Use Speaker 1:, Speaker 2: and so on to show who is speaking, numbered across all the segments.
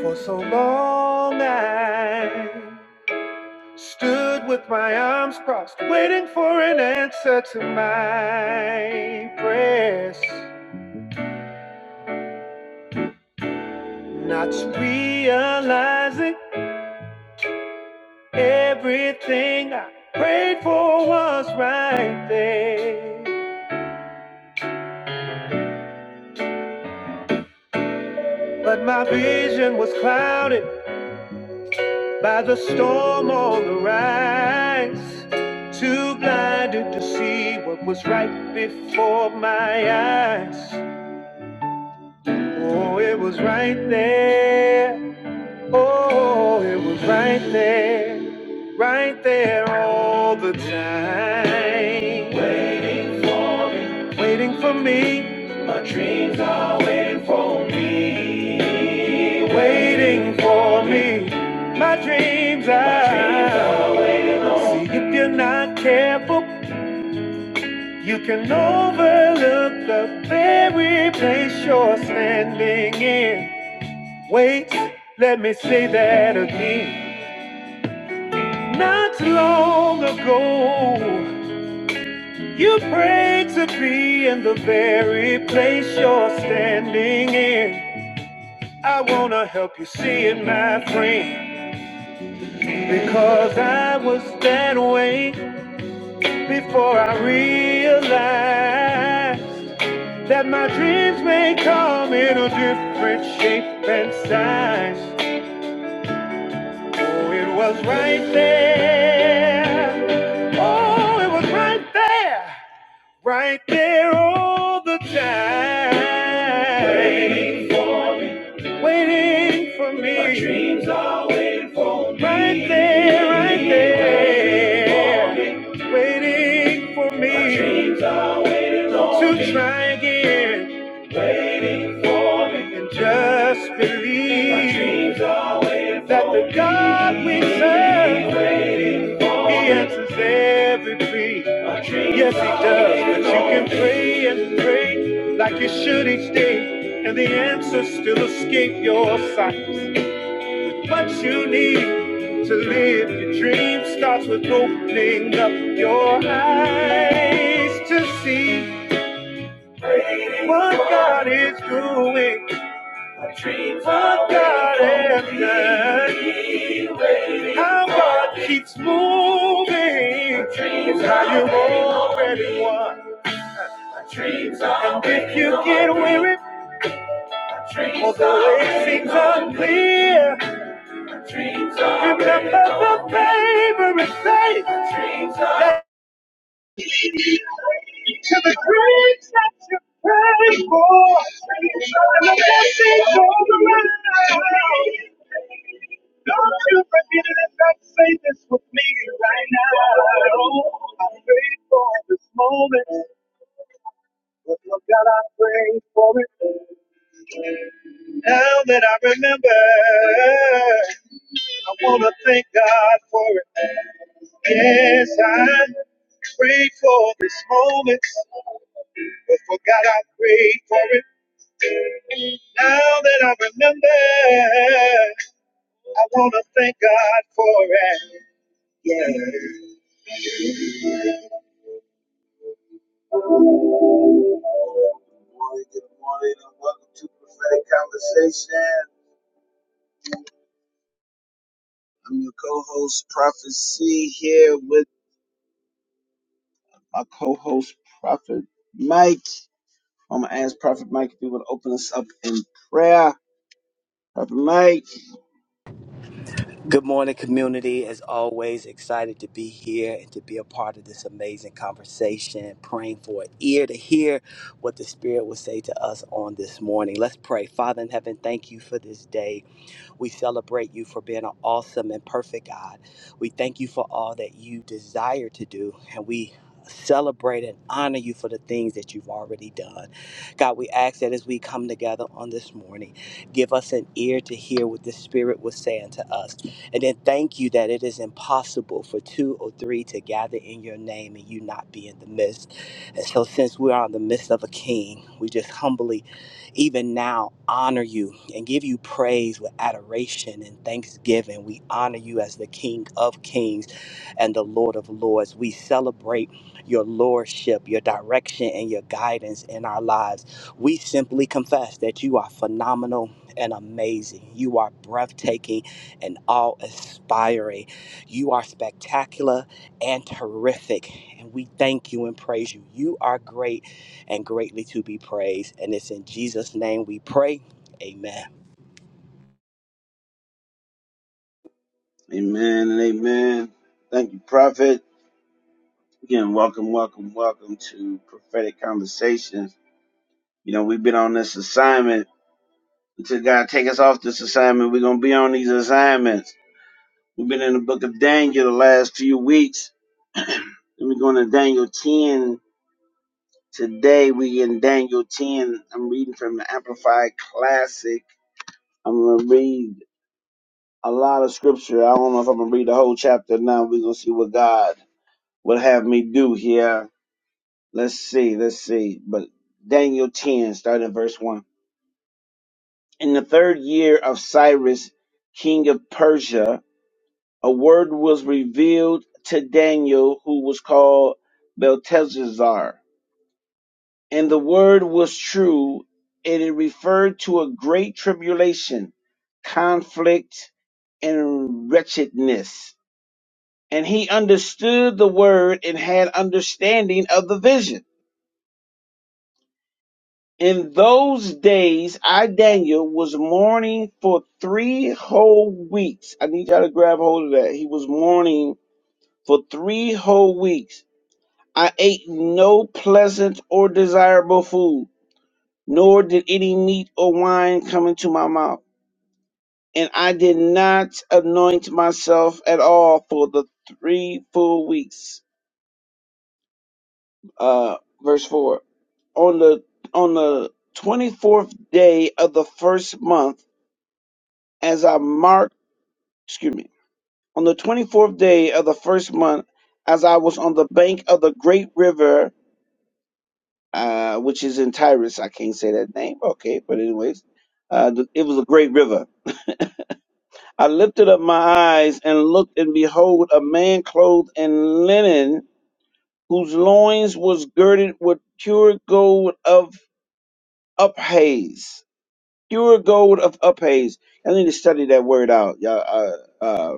Speaker 1: For so long I stood with my arms crossed, waiting for an answer to my prayers. Not realizing everything I prayed for was right there. But my vision was clouded by the storm on the rise. Too blinded to see what was right before my eyes. Oh, it was right there. Oh, it was right there. Right there all the time. Wait, waiting for me. My dreams are waiting for me. Waiting for me. My dreams are. See, if you're not careful, you can overlook the very place you're standing in. Wait, let me say that again. Not long ago, you prayed to be in the very place you're standing in. I wanna help you see it, my friend, because I was that way before I realized that my dreams may come in a different shape and size. Oh, it was right there. Oh, it was right there. Right there all the time. Waiting for waiting for me. My dreams are right there, right there. Waiting for me. Waiting for me. My dreams are to try again. For me. And just believe that the God we serve. He answers every plea. Yes, he does. But you can pray and pray like you should each day, and the answers still escape your sight. What you need to live your dream starts with opening up your eyes to see what God is doing. My Dreams of God ended. How God keeps moving. how you've already won. and if you get weary, although it seems unclear, remember the favor is safe. to the graves that you prayed for. And the blessings all around. Don't you forget it if I say this with me right now. I pray for this moment. But Lord God, I pray for it. Now that I remember, I want to thank God for it. Yes, I prayed for this moment, but forgot I prayed for it. Now that I remember, I want to thank God for it. Yeah. Good morning, good morning, and welcome to Prophetic Conversation. I'm your co-host, Prophet C, here with my co-host, Prophet Mike. I'm going to ask Prophet Mike if he would open us up in prayer. Prophet Mike.
Speaker 2: Good morning, community. As always, excited to be here and to be a part of this amazing conversation, praying for an ear to hear what the Spirit will say to us on this morning. Let's pray. Father in heaven, thank you for this day. We celebrate you for being an awesome and perfect God. We thank you for all that you desire to do, and we celebrate and honor you for the things that you've already done. God, we ask that as we come together on this morning, give us an ear to hear what the Spirit was saying to us. And then thank you that it is impossible for two or three to gather in your name and you not be in the midst. And so, since we are in the midst of a king, we just humbly even now honor you and give you praise with adoration and thanksgiving. We honor you as the King of Kings and the Lord of Lords. We celebrate your lordship, your direction, and your guidance in our lives. We simply confess that you are phenomenal and amazing. You are breathtaking and awe inspiring. You are spectacular and terrific. And we thank you and praise you. You are great and greatly to be praised. And it's in Jesus' name we pray. Amen.
Speaker 1: Amen and amen. Thank you, Prophet. Again, welcome, welcome, welcome to Prophetic Conversations. You know, we've been on this assignment. Until God take us off this assignment, we're gonna be on these assignments. We've been in the book of Daniel the last few weeks. and we're going to Daniel 10. Today we in Daniel 10. I'm reading from the Amplified Classic. I'm gonna read a lot of scripture. I don't know if I'm gonna read the whole chapter now. We're gonna see what God would have me do here Let's see, let's see. But Daniel 10, starting in verse 1. In the third year of Cyrus, king of Persia, a word was revealed to Daniel, who was called Belteshazzar. And the word was true, and it referred to a great tribulation, conflict, and wretchedness. And he understood the word and had understanding of the vision. In those days, I, Daniel, was mourning for three whole weeks. I need y'all to grab hold of that. He was mourning for three whole weeks. I ate no pleasant or desirable food, nor did any meat or wine come into my mouth. And I did not anoint myself at all for the three full weeks. Uh, verse 4. On the, on the 24th day of the first month, as I marked, excuse me, on the 24th day of the first month, as I was on the bank of the great river, uh, which is in Tyrus. I can't say that name. Okay. But anyways, uh, th- it was a great river. I lifted up my eyes and looked and behold a man clothed in linen whose loins was girded with pure gold of uphaze. Pure gold of uphaze. I need to study that word out. Y'all, Uh, uh,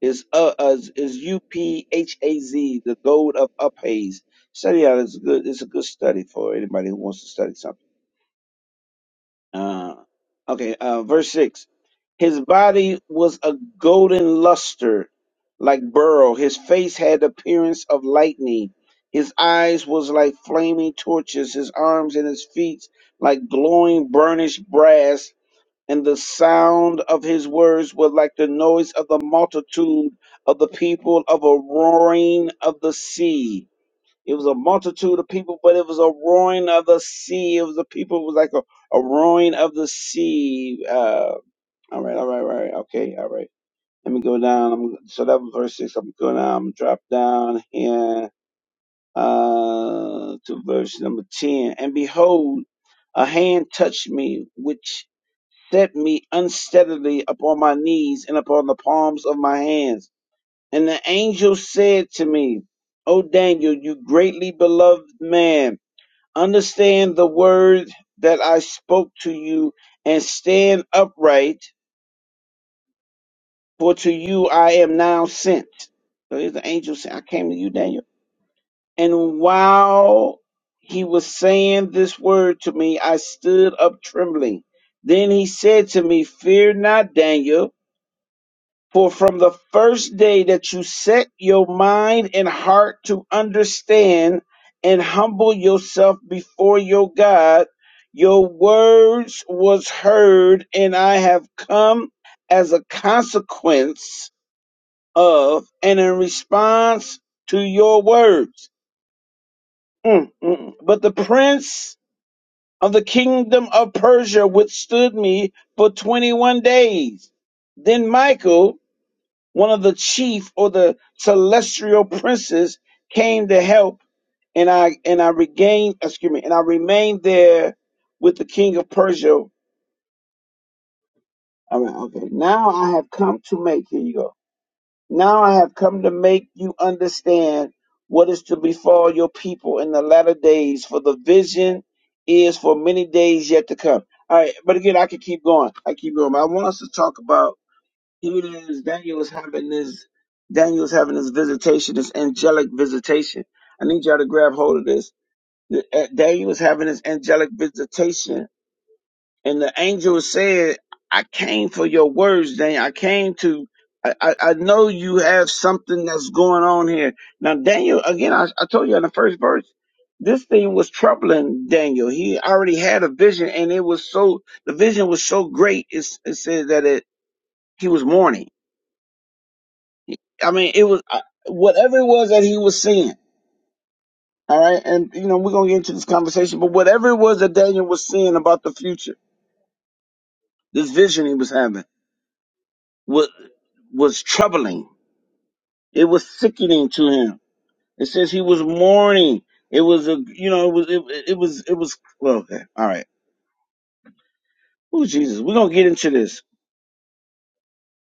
Speaker 1: is uh is, is U P H A Z, the gold of Uphaze. Study out It's a good. It's a good study for anybody who wants to study something. Uh, okay, uh, verse six. His body was a golden luster, like beryl. His face had the appearance of lightning. His eyes was like flaming torches. His arms and his feet like glowing burnished brass and the sound of his words was like the noise of the multitude of the people of a roaring of the sea. It was a multitude of people, but it was a roaring of the sea. It was the people it was like a, a roaring of the sea. Uh, all right, all right, all right, okay, all right. Let me go down. I'm, so that was verse six. I'm going down. I'm drop down here uh, to verse number ten. And behold, a hand touched me, which set me unsteadily upon my knees and upon the palms of my hands. And the angel said to me, O Daniel, you greatly beloved man, understand the word that I spoke to you and stand upright, for to you I am now sent. So here's the angel saying, I came to you, Daniel. And while he was saying this word to me, I stood up trembling. Then he said to me, Fear not, Daniel For from the first day that you set your mind and heart to understand and humble yourself before your God, your words was heard, and I have come as a consequence of and in response to your words. Mm, mm. mm. But the prince of the kingdom of Persia withstood me for 21 days. Then Michael one of the chief or the celestial princes came to help and I and I regained excuse me and I remained there with the king of Persia. All right, okay. Now I have come to make here you go. Now I have come to make you understand what is to befall your people in the latter days, for the vision is for many days yet to come. All right, but again I could keep going. I keep going. But I want us to talk about even as Daniel was having this, Daniel was having this visitation, this angelic visitation. I need y'all to grab hold of this. The- uh, Daniel was having this angelic visitation, and the angel said, "I came for your words, Daniel. I came to. I, I, I know you have something that's going on here." Now, Daniel, again, I, I told you in the first verse. This thing was troubling Daniel. He already had a vision, and it was so the vision was so great. It, it said that it he was mourning I mean, it was I- whatever it was that he was seeing. All right, and you know we're gonna get into this conversation, but whatever it was that Daniel was seeing about the future, this vision he was having was was troubling. It was sickening to him. It says he was mourning. It was a you know it was it, it was it was well, okay all right. Oh Jesus, we're gonna get into this.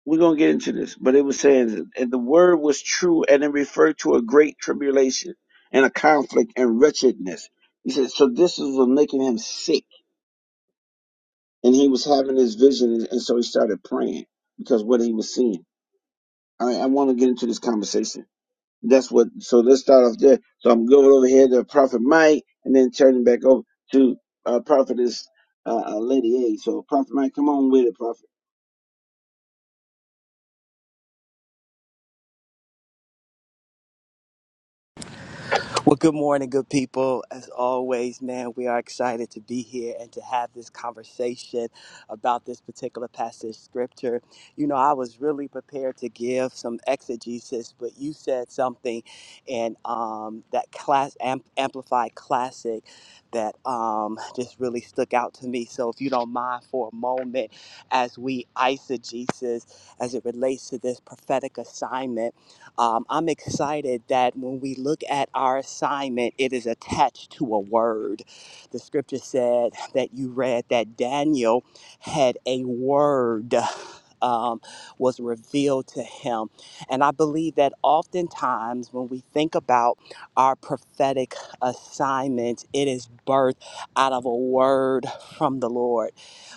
Speaker 1: we're gonna get into this, but it was saying that and the word was true, and it referred to a great tribulation and a conflict and wretchedness. He said, so this is what making him sick, and he was having this vision, and, and so he started praying because what he was seeing. All right, I want to get into this conversation. That's what. So let's start off there. So I'm going over here to Prophet Mike, and then turning back over to uh, Prophetess uh, uh, Lady A. So Prophet Mike, come on with it, Prophet.
Speaker 2: Well, good morning, good people. As always, man, we are excited to be here and to have this conversation about this particular passage scripture. You know, I was really prepared to give some exegesis, but you said something in um, that class amp- amplified classic that um, just really stuck out to me. So, if you don't mind for a moment, as we eisegesis as it relates to this prophetic assignment. Um, I'm excited that when we look at our assignment, it is attached to a word. The scripture said that you read that Daniel had a word. Um, was revealed to him. And I believe that oftentimes when we think about our prophetic assignment, it is birthed out of a word from the Lord.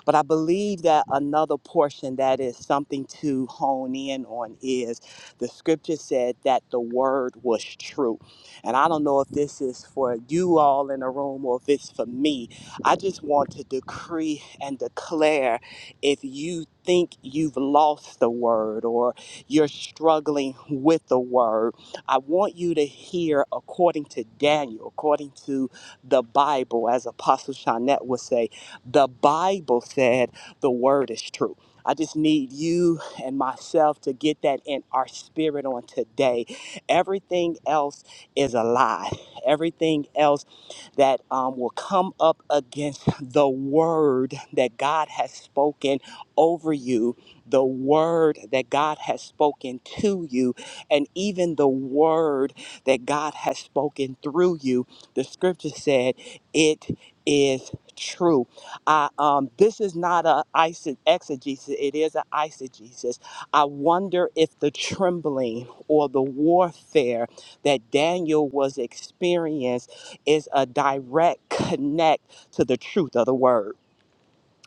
Speaker 2: But I believe that another portion that is something to hone in on is the scripture said that the word was true. And I don't know if this is for you all in the room or if it's for me. I just want to decree and declare if you think you've lost the word or you're struggling with the word, I want you to hear according to Daniel, according to the Bible, as Apostle Shanette would say, the Bible said the word is true. I just need you and myself to get that in our spirit on today. Everything else is a lie. Everything else that um, will come up against the word that God has spoken over you, the word that God has spoken to you, and even the word that God has spoken through you. The scripture said, It is true. I, um, this is not a eise- exegesis, it is an eisegesis. I wonder if the trembling or the warfare that Daniel was experiencing is a direct connect to the truth of the word.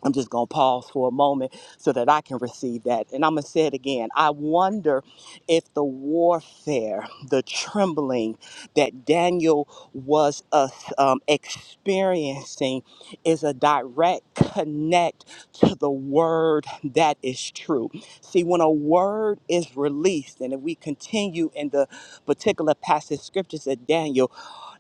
Speaker 2: I'm just going to pause for a moment so that I can receive that. And I'm going to say it again. I wonder if the warfare, the trembling that Daniel was uh, um, experiencing is a direct connect to the word that is true. See, when a word is released, and if we continue in the particular passage scriptures of Daniel,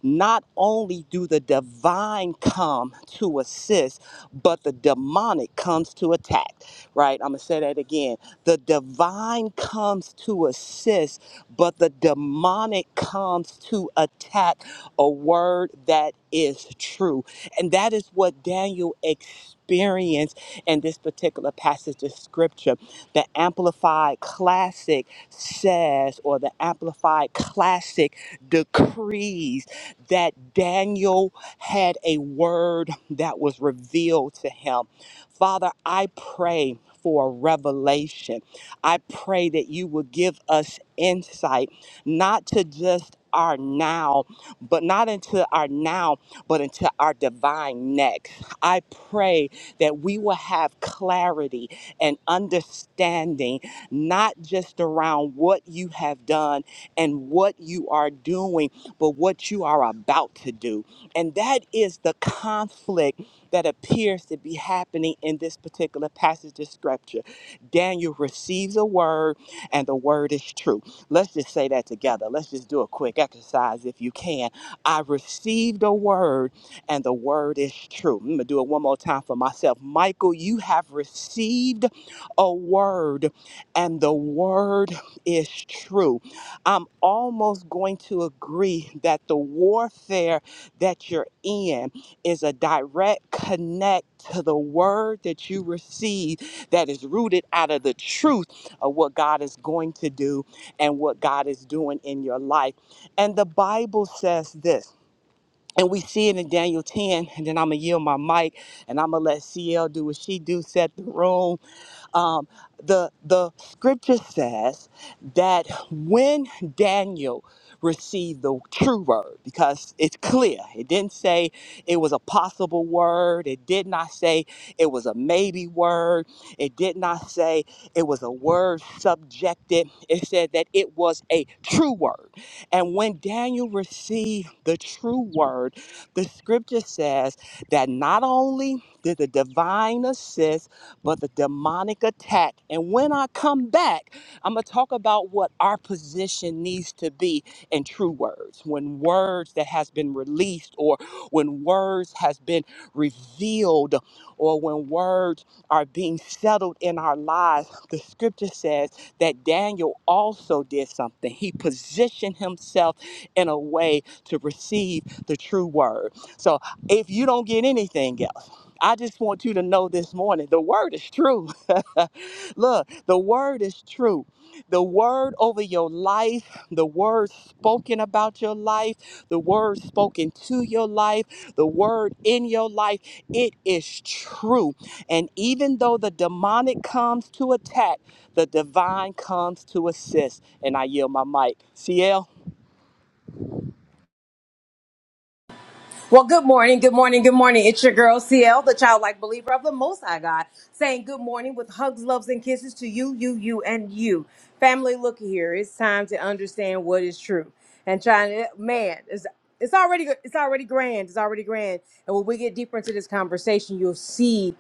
Speaker 2: not only do the divine come to assist, but the demonic comes to attack, right? I'm going to say that again. The divine comes to assist, but the demonic comes to attack a word that is true. And that is what Daniel experienced in this particular passage of scripture. The Amplified Classic says, or the Amplified Classic decrees that Daniel had a word that was revealed to him. Father, I pray for a revelation. I pray that you will give us insight, not to just our now, but not into our now, but into our divine next. I pray that we will have clarity and understanding, not just around what you have done and what you are doing, but what you are about to do. And that is the conflict that appears to be happening in this particular passage of scripture. Daniel receives a word, and the word is true. Let's just say that together. Let's just do a quick exercise if you can. I received a word, and the word is true. I'm going to do it one more time for myself. Michael, you have received a word, and the word is true. I'm almost going to agree that the warfare that you're in is a direct connect to the word that you receive that is rooted out of the truth of what God is going to do and what God is doing in your life. And the Bible says this. And we see it in Daniel 10, and then I'm gonna yield my mic and I'm gonna let CL do what she do, set the room um, the the scripture says that when Daniel received the true word, because it's clear, it didn't say it was a possible word, it did not say it was a maybe word, it did not say it was a word subjected. It said that it was a true word. And when Daniel received the true word, the scripture says that not only did the divine assist but the demonic attack. And when I come back, I'm going to talk about what our position needs to be in true words. When words that has been released or when words has been revealed or when words are being settled in our lives, the scripture says that Daniel also did something. He positioned himself in a way to receive the true word. So if you don't get anything else, I just want you to know this morning the word is true. Look, the word is true. The word over your life, the word spoken about your life, the word spoken to your life, the word in your life, it is true. And even though the demonic comes to attack, the divine comes to assist. And I yield my mic. CL.
Speaker 3: Well, good morning, good morning, good morning. It's your girl CL, the childlike believer of the Most High God, saying good morning with hugs, loves, and kisses to you, you, you, and you. Family, look here. It's time to understand what is true and trying to man. It's, it's already it's already grand. It's already grand. And when we get deeper into this conversation, you'll see.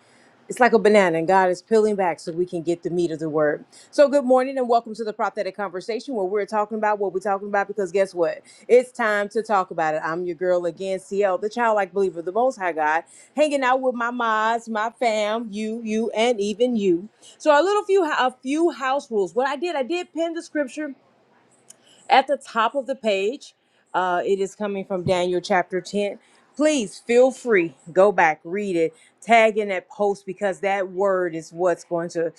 Speaker 3: It's like a banana, and God is peeling back so we can get the meat of the word. So, good morning, and welcome to the prophetic conversation where we're talking about what we're talking about. Because guess what? It's time to talk about it. I'm your girl again, CL, the childlike believer, of the Most High God, hanging out with my mods, my fam, you, you, and even you. So, a little few, a few house rules. What I did, I did pin the scripture at the top of the page, uh, it is coming from Daniel chapter 10. Please feel free, go back, read it, tag in that post because that word is what's going to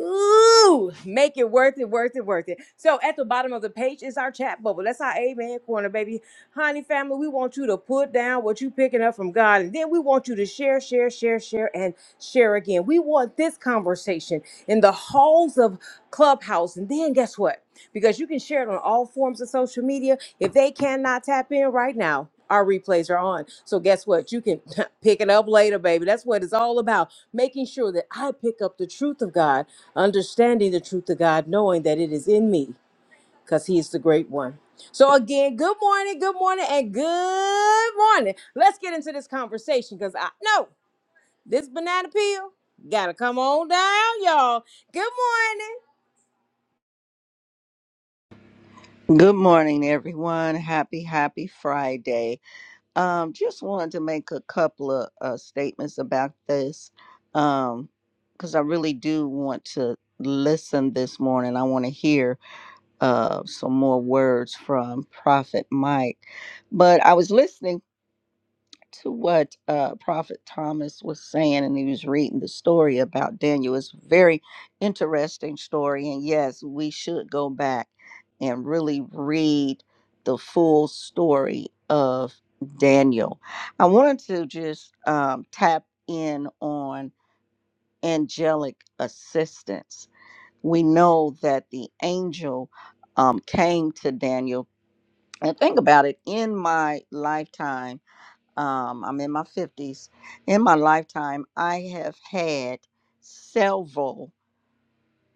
Speaker 3: Ooh, make it worth it, worth it, worth it. So at the bottom of the page is our chat bubble. That's our Amen Corner, baby. Honey family, we want you to put down what you picking up from God. And then we want you to share, share, share, share, and share again. We want this conversation in the halls of Clubhouse. And then guess what? because you can share it on all forms of social media. If they cannot tap in right now, our replays are on. So guess what? You can pick it up later, baby. That's what it's all about. Making sure that I pick up the truth of God, understanding the truth of God, knowing that it is in me because he is the great one. So again, good morning, good morning, and good morning. Let's get into this conversation because I know this banana peel gotta come on down, y'all. Good morning.
Speaker 4: Good morning, everyone. Happy, happy Friday. Um, just wanted to make a couple of uh, statements about this um, because I really do want to listen this morning. I want to hear uh, some more words from Prophet Mike. But I was listening to what uh, Prophet Thomas was saying, and he was reading the story about Daniel. It's a very interesting story, and yes, we should go back and really read the full story of Daniel. I wanted to just um, tap in on angelic assistance. We know that the angel um, came to Daniel. And think about it in my lifetime um, I'm in my 50s. In my lifetime, I have had several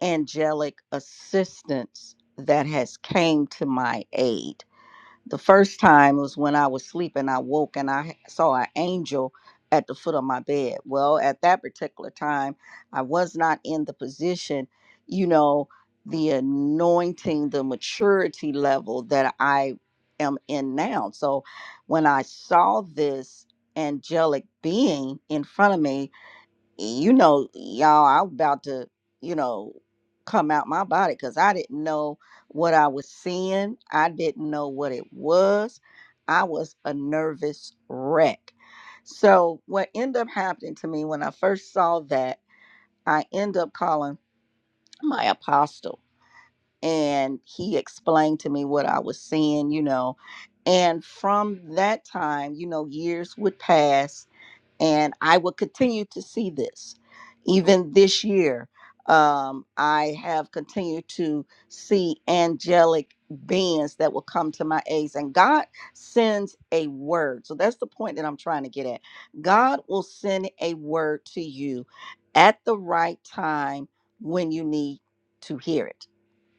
Speaker 4: angelic assistants that has came to my aid the first time was when I was sleeping. I woke and I saw an angel at the foot of my bed. Well, at that particular time, I was not in the position, you know, the anointing, the maturity level that I am in now. So when I saw this angelic being in front of me, you know, y'all, I'm about to, you know, come out my body because I didn't know what I was seeing. I didn't know what it was. I was a nervous wreck. So what ended up happening to me when I first saw that, I end up calling my apostle and he explained to me what I was seeing, you know. And from that time, you know, years would pass and I will continue to see this. Even this year, um, I have continued to see angelic beings that will come to my aids, and God sends a word. So that's the point that I'm trying to get at. God will send a word to you at the right time when you need to hear it.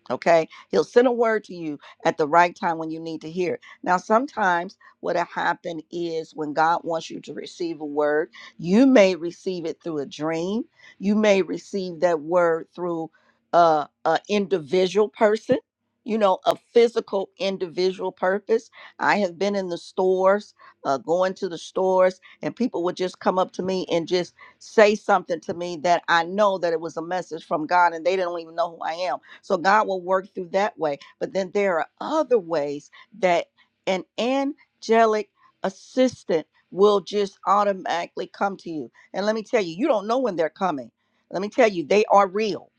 Speaker 4: Okay. He'll send a word to you at the right time when you need to hear it. Now, sometimes what'll happen is when God wants you to receive a word, you may receive it through a dream. You may receive that word through uh, a individual person, you know, a physical individual purpose. I have been in the stores, uh, going to the stores, and people would just come up to me and just say something to me that I know that it was a message from God and they don't even know who I am so God will work through that way. But then there are other ways that an angelic assistant will just automatically come to you. And let me tell you, you don't know when they're coming. Let me tell you, they are real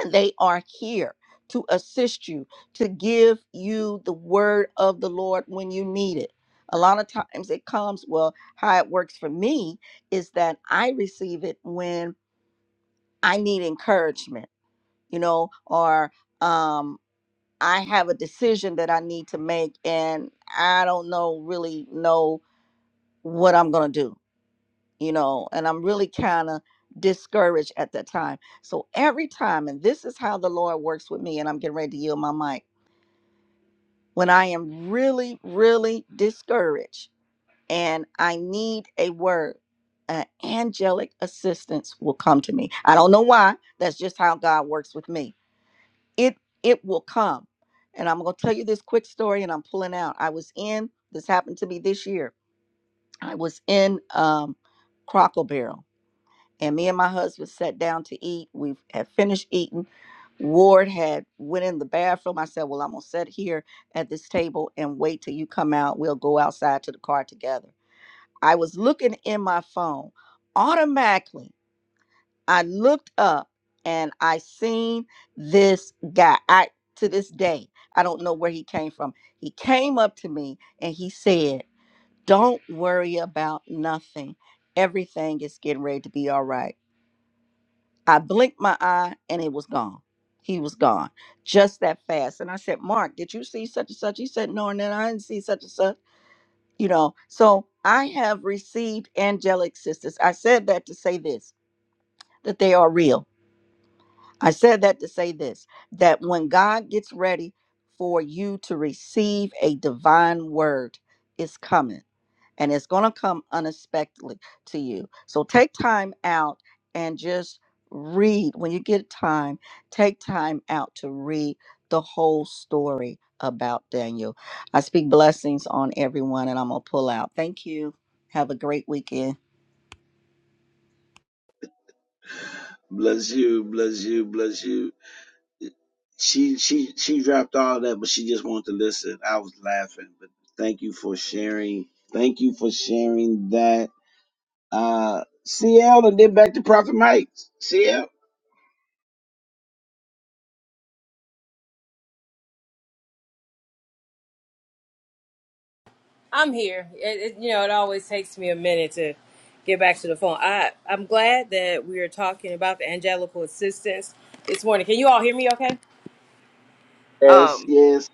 Speaker 4: and they are here to assist you, to give you the word of the Lord when you need it. A lot of times it comes, well, how it works for me is that I receive it when I need encouragement, you know, or um. I have a decision that I need to make and I don't know really know what I'm going to do, you know, and I'm really kind of discouraged at that time. So every time, and this is how the Lord works with me, and I'm getting ready to yield my mic, when I am really, really discouraged and I need a word, an angelic assistance will come to me. I don't know why. That's just how God works with me it it will come and i'm going to tell you this quick story and i'm pulling out i was in this happened to me this year i was in um crockle barrel and me and my husband sat down to eat we had finished eating ward had went in the bathroom i said well i'm going to sit here at this table and wait till you come out we'll go outside to the car together i was looking in my phone automatically I looked up and I seen this guy. I to this day, I don't know where he came from. He came up to me and he said, "Don't worry about nothing. Everything is getting ready to be all right." I blinked my eye and it was gone. He was gone just that fast. And I said, "Mark, did you see such and such?" He said, "No, and then I didn't see such and such." You know, so I have received angelic sisters. I said that to say this that they are real I said that to say this that when God gets ready for you to receive a divine word, it's coming and it's going to come unexpectedly to you. So take time out and just read. When you get time, take time out to read the whole story about Daniel. I speak blessings on everyone and I'm going to pull out. Thank you. Have a great weekend.
Speaker 1: Bless you, bless you, bless you. She she she dropped all that, but she just wanted to listen. I was laughing, but thank you for sharing. Thank you for sharing that. Uh, CL and then back to Prophet Mike. CL.
Speaker 3: I'm here. It, it, you know, it always takes me a minute to get back to the phone. I I'm glad that we are talking about the angelical assistance this morning. Can you all hear me? Okay.
Speaker 1: Yes,
Speaker 3: Um,
Speaker 1: yes.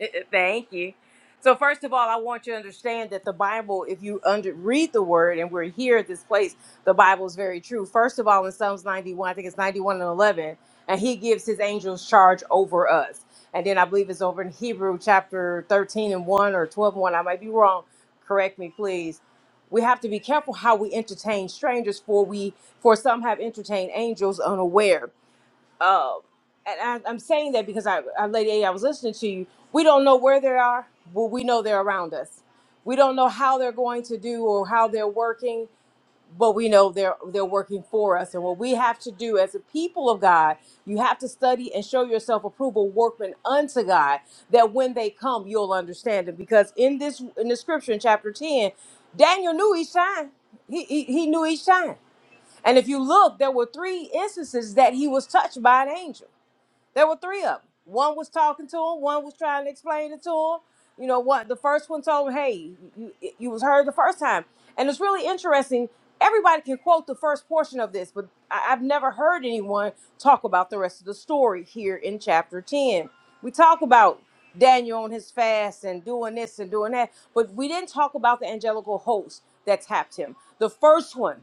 Speaker 3: Thank you. So, first of all, I want you to understand that the Bible, if you under, read the word, and we're here at this place, the Bible is very true. First of all, in Psalms 91, I think it's 91 and 11, and he gives his angels charge over us. And then I believe it's over in Hebrew chapter 13 and 1 or 12 and 1. I might be wrong. Correct me, please. We have to be careful how we entertain strangers, for we for some have entertained angels unaware um, and I, I'm saying that because I, I, Lady A, I was listening to you. We don't know where they are, but we know they're around us. We don't know how they're going to do or how they're working, but we know they're they're working for us. And what we have to do as a people of God, you have to study and show yourself approval, workman unto God, that when they come, you'll understand it. Because in this in the scripture in chapter ten, Daniel knew each time. He he, he knew each time. And if you look, there were three instances that he was touched by an angel there were three of them. One was talking to him. One was trying to explain it to him. You know what? The first one told him, "Hey, you, you was heard the first time." And it's really interesting. Everybody can quote the first portion of this, but I, I've never heard anyone talk about the rest of the story here in chapter ten. We talk about Daniel on his fast and doing this and doing that, but we didn't talk about the angelical host that tapped him. The first one.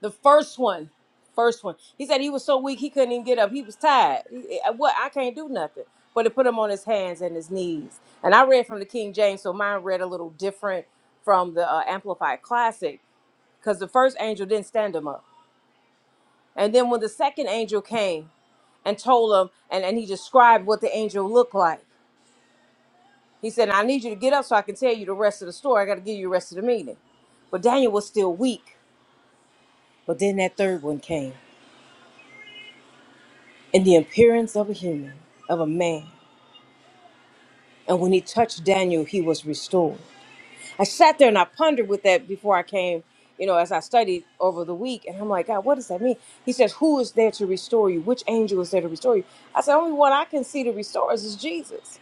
Speaker 3: The first one, first one. He said he was so weak he couldn't even get up. He was tired. He- I- What? I can't do nothing. But it put him on his hands and his knees. And I read from the King James, so mine read a little different from the uh, Amplified Classic because the first angel didn't stand him up. And then when the second angel came and told him, and, and he described what the angel looked like, he said, I need you to get up so I can tell you the rest of the story. I got to give you the rest of the meaning. But Daniel was still weak. But then that third one came in the appearance of a human, of a man. And when he touched Daniel, he was restored. I sat there and I pondered with that before I came, you know, as I studied over the week. And I'm like, God, what does that mean? He says, Who is there to restore you? Which angel is there to restore you? I said, Only one I can see to restore us is Jesus.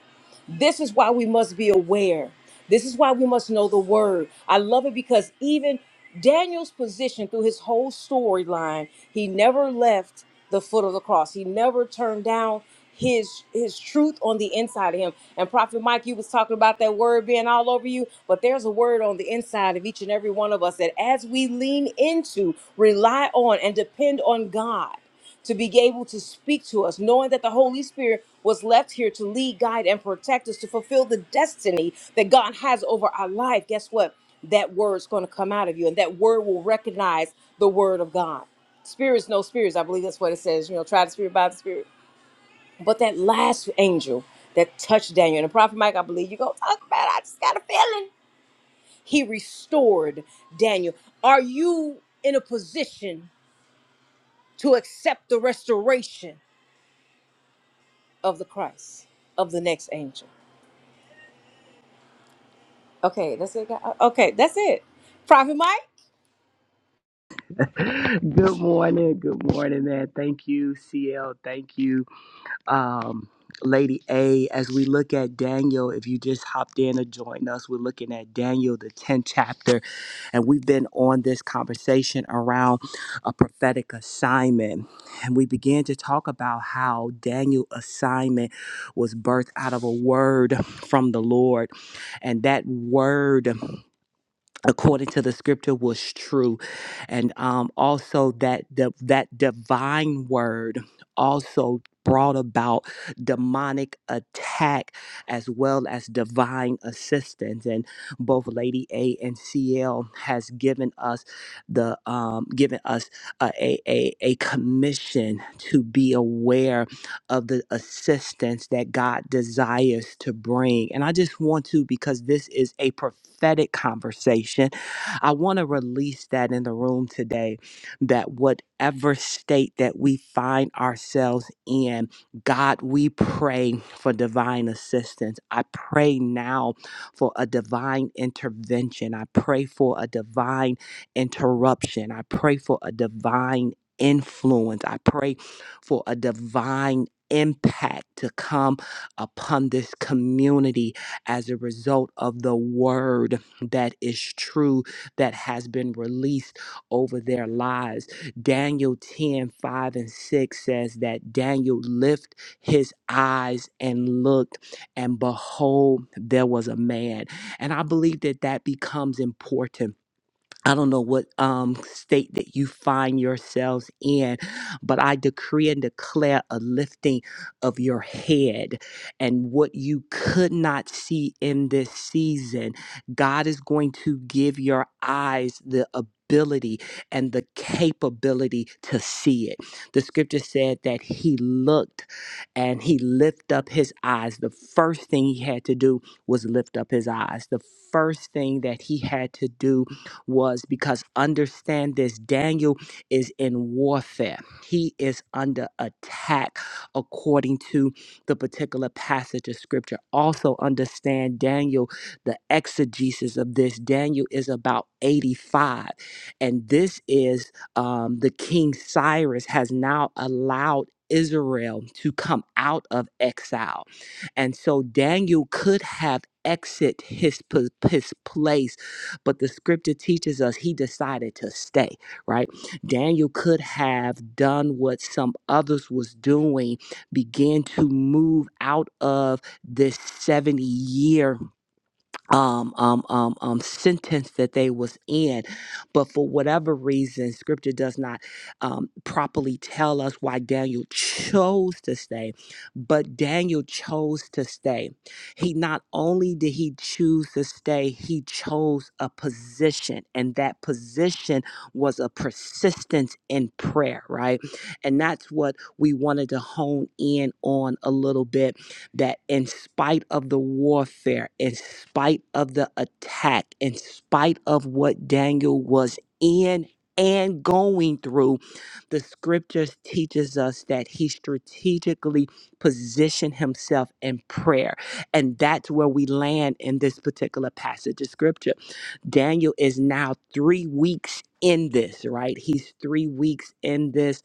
Speaker 3: This is why we must be aware. This is why we must know the word. I love it because even Daniel's position through his whole storyline, he never left the foot of the cross. He never turned down his his truth on the inside of him. And Prophet Mike, you was talking about that word being all over you, but there's a word on the inside of each and every one of us that as we lean into, rely on, and depend on God to be able to speak to us, knowing that the Holy Spirit was left here to lead, guide, and protect us to fulfill the destiny that God has over our life. Guess what? That word's going to come out of you, and that word will recognize the word of God. Spirits, no spirits. I believe that's what it says. You know, try the spirit by the spirit. But that last angel that touched Daniel, and the prophet Mike, I believe you go talk about. it. I just got a feeling. He restored Daniel. Are you in a position to accept the restoration? of the Christ, of the next angel. Okay, that's it. guy- Okay, that's it. Prophet Mike.
Speaker 2: Good morning. Good morning, man. Thank you, CL. Thank you. um, Lady A, as we look at Daniel, if you just hopped in or joined us, we're looking at Daniel, the 10th chapter, and we've been on this conversation around a prophetic assignment. And we began to talk about how Daniel's assignment was birthed out of a word from the Lord, and that word according to the scripture was true and um also that the, that divine word also brought about demonic attack as well as divine assistance and both lady a and cl has given us the um given us a a, a a commission to be aware of the assistance that God desires to bring. And I just want to, because this is a prophetic conversation, I want to release that in the room today that whatever state that we find ourselves in, God, we pray for divine assistance. I pray now for a divine intervention. I pray for a divine interruption. I pray for a divine influence. I pray for a divine impact to come upon this community as a result of the word that is true that has been released over their lives. Daniel 10 5 and 6 says that Daniel lift his eyes and looked, and behold, there was a man. And I believe that that becomes important I don't know what um, state that you find yourselves in, but I decree and declare a lifting of your head. And what you could not see in this season, God is going to give your eyes the ability and the capability to see it. The scripture said that he looked and he lifted up his eyes. The first thing he had to do was lift up his eyes. The first thing that he had to do was because understand this Daniel is in warfare. He is under attack according to the particular passage of scripture. Also understand Daniel, the exegesis of this. Daniel is about 85. And this is um, the king Cyrus has now allowed Israel to come out of exile. And so Daniel could have exit his, p- his place but the scripture teaches us he decided to stay, right? Daniel could have done what some others was doing, began to move out of this 70 year um, um, um, um, sentence that they was in. But for whatever reason, scripture does not um, properly tell us why Daniel chose to stay. But Daniel chose to stay. He not only did he choose to stay, he chose a position. And that position was a persistence in prayer, right? And that's what we wanted to hone in on a little bit that in spite of the warfare, in spite of the attack, in spite of what Daniel was in and going through, the scriptures teaches us that he strategically positioned himself in prayer. And that's where we land in this particular passage of scripture. Daniel is now three weeks in this, right? He's three weeks in this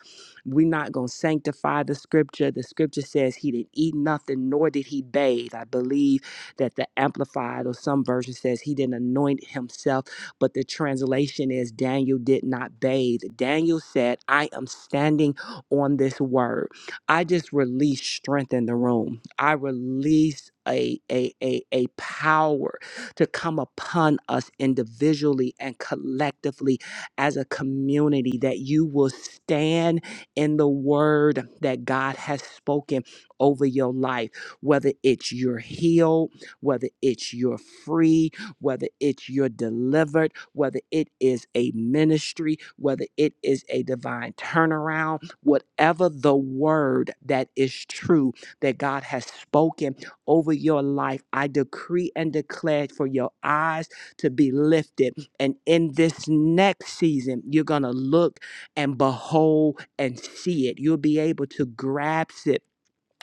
Speaker 2: we're not going to sanctify the scripture. The scripture says he didn't eat nothing, nor did he bathe. I believe that the Amplified or some version says he didn't anoint himself, but the translation is Daniel did not bathe. Daniel said, I am standing on this word. I just release strength in the room. I release a, a, a, a power to come upon us individually and collectively as a community that you will stand in the word that God has spoken over your life, whether it's you're healed, whether it's you're free, whether it's you're delivered, whether it is a ministry, whether it is a divine turnaround, whatever the word that is true that God has spoken over your life, I decree and declare for your eyes to be lifted. And in this next season, you're going to look and behold and see it. You'll be able to grasp it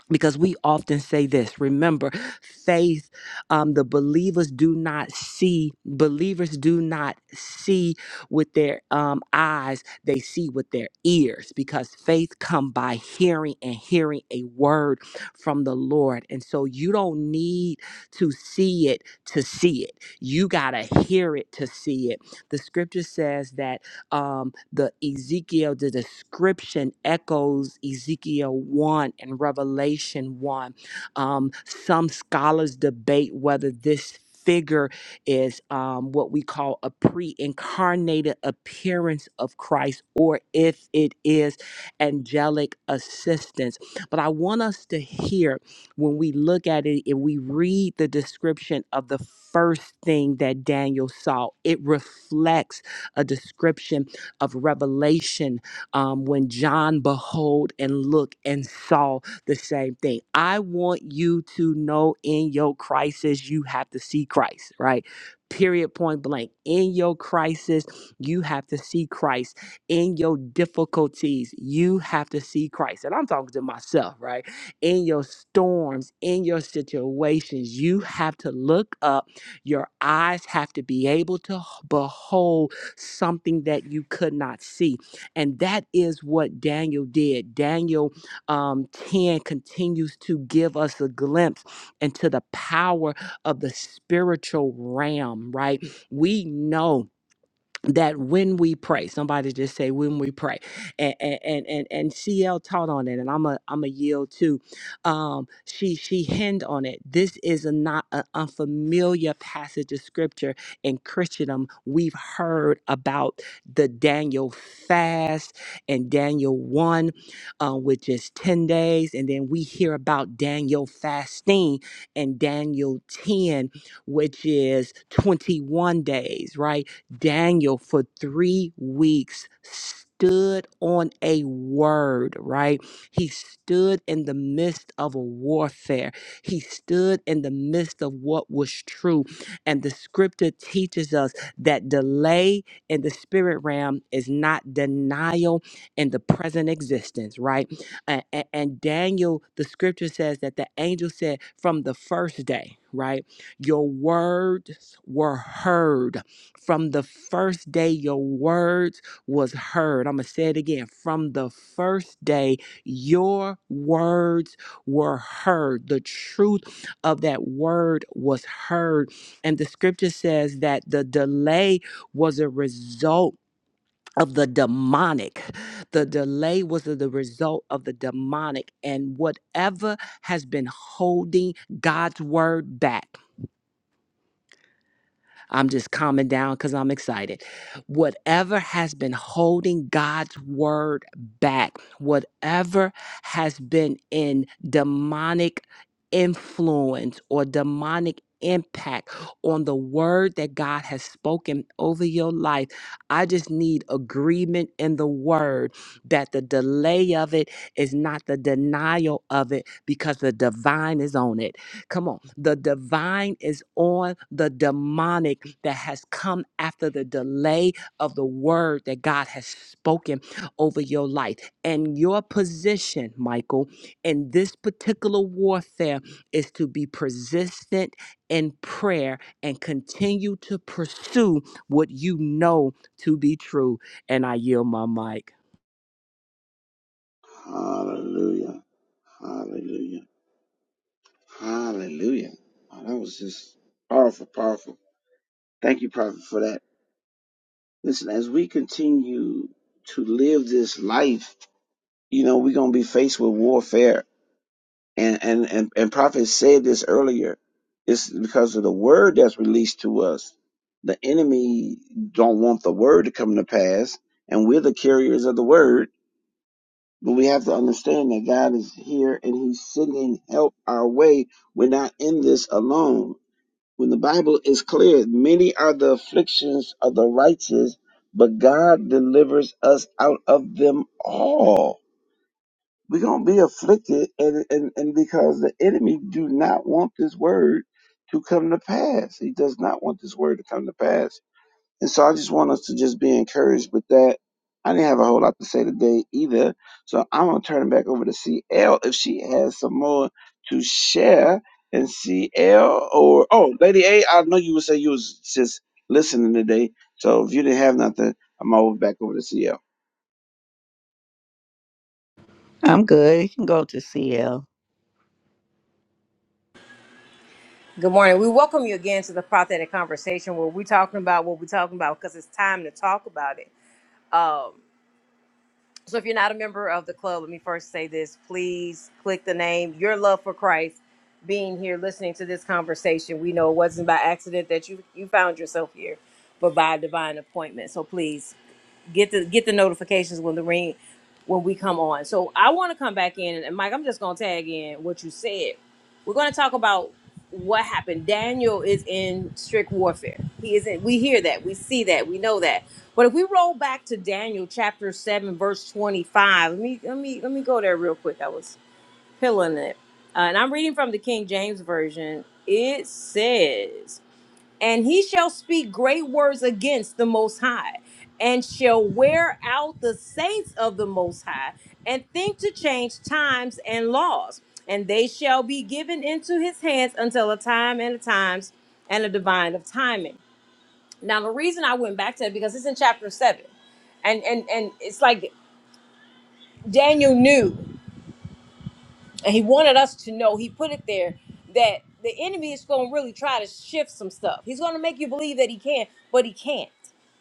Speaker 2: because we often say this. Remember, faith, um, the believers do not see, believers do not see with their um, eyes, they see with their ears because faith come by hearing and hearing a word from the Lord. And so you don't need to see it to see it. You got to hear it to see it. The scripture says that um, the Ezekiel, the description echoes Ezekiel 1 and Revelation 1. Um, some scholars debate whether this figure is um, what we call a pre incarnated appearance of Christ or if it is angelic assistance. But I want us to hear when we look at it and we read the description of the first thing that Daniel saw, it reflects a description of revelation um, when John behold and look and saw the same thing. I want you to know in your crisis, you have to see Christ, right? Period, point blank. In your crisis, you have to see Christ. In your difficulties, you have to see Christ. And I'm talking to myself, right? In your storms, in your situations, you have to look up. Your eyes have to be able to h- behold something that you could not see. And that is what Daniel did. Daniel um, 10 continues to give us a glimpse into the power of the spiritual realm, right? We know that when we pray somebody just say when we pray and and and and, and cl taught on it and i'm a i'm a yield too um she she hinted on it this is a not an unfamiliar passage of scripture in christendom we've heard about the daniel fast and daniel 1 uh, which is 10 days and then we hear about daniel fasting and daniel 10 which is 21 days right Daniel for three weeks stood on a word, right? He stood in the midst of a warfare. He stood in the midst of what was true. And the scripture teaches us that delay in the spirit realm is not denial in the present existence, right? And, and, and Daniel, the scripture says that the angel said from the first day, right? Your words were heard from the first day your words was heard. I'm going to say it again. From the first day your words were heard. The truth of that word was heard. And the scripture says that the delay was a result of the demonic. The delay was the the result of the demonic and whatever has been holding God's word back. I'm just calming down because I'm excited. Whatever has been holding God's word back, whatever has been in demonic influence or demonic impact on the word that God has spoken over your life, I just need agreement in the word that the delay of it is not the denial of it because the divine is on it. Come on. The divine is on the demonic that has come after the delay of the word that God has spoken over your life. And your position, Michael, in this particular warfare is to be persistent in prayer and continue to pursue what you know to be true. And I yield my mic.
Speaker 1: Hallelujah. Hallelujah. Hallelujah. Oh, that was just powerful, powerful. Thank you, Prophet, for that. Listen, as we continue to live this life, you know, we're gonna be faced with warfare and and and, and prophet said this earlier it's because of the word that's released to us the enemy don't want the word to come to pass and we're the carriers of the word but we have to understand that god is here and he's sending help our way we're not in this alone when the bible is clear many are the afflictions of the righteous but god delivers us out of them all we're gonna be afflicted, and, and and because the enemy do not want this word to come to pass, he does not want this word to come to pass. And so I just want us to just be encouraged with that. I didn't have a whole lot to say today either, so I'm gonna turn it back over to CL if she has some more to share. And CL or oh, Lady A, I know you would say you was just listening today, so if you didn't have nothing, I'm over back over to CL.
Speaker 4: I'm good. You can go to CL.
Speaker 3: Good morning. We welcome you again to the prophetic conversation where we're talking about what we're talking about because it's time to talk about it. Um, so if you're not a member of the club, let me first say this. Please click the name, your love for Christ, being here, listening to this conversation. We know it wasn't by accident that you you found yourself here, but by divine appointment. So please get the get the notifications when the ring when we come on. So I want to come back in and Mike, I'm just gonna tag in what you said. We're gonna talk about what happened. Daniel is in strict warfare. He isn't we hear that, we see that, we know that. But if we roll back to Daniel chapter seven, verse twenty-five, let me let me let me go there real quick. I was pulling it. Uh, and I'm reading from the King James Version. It says and he shall speak great words against the most high and shall wear out the saints of the most high and think to change times and laws and they shall be given into his hands until a time and a times and a divine of timing now the reason i went back to it because it's in chapter 7 and and and it's like daniel knew and he wanted us to know he put it there that the enemy is going to really try to shift some stuff he's going to make you believe that he can but he can't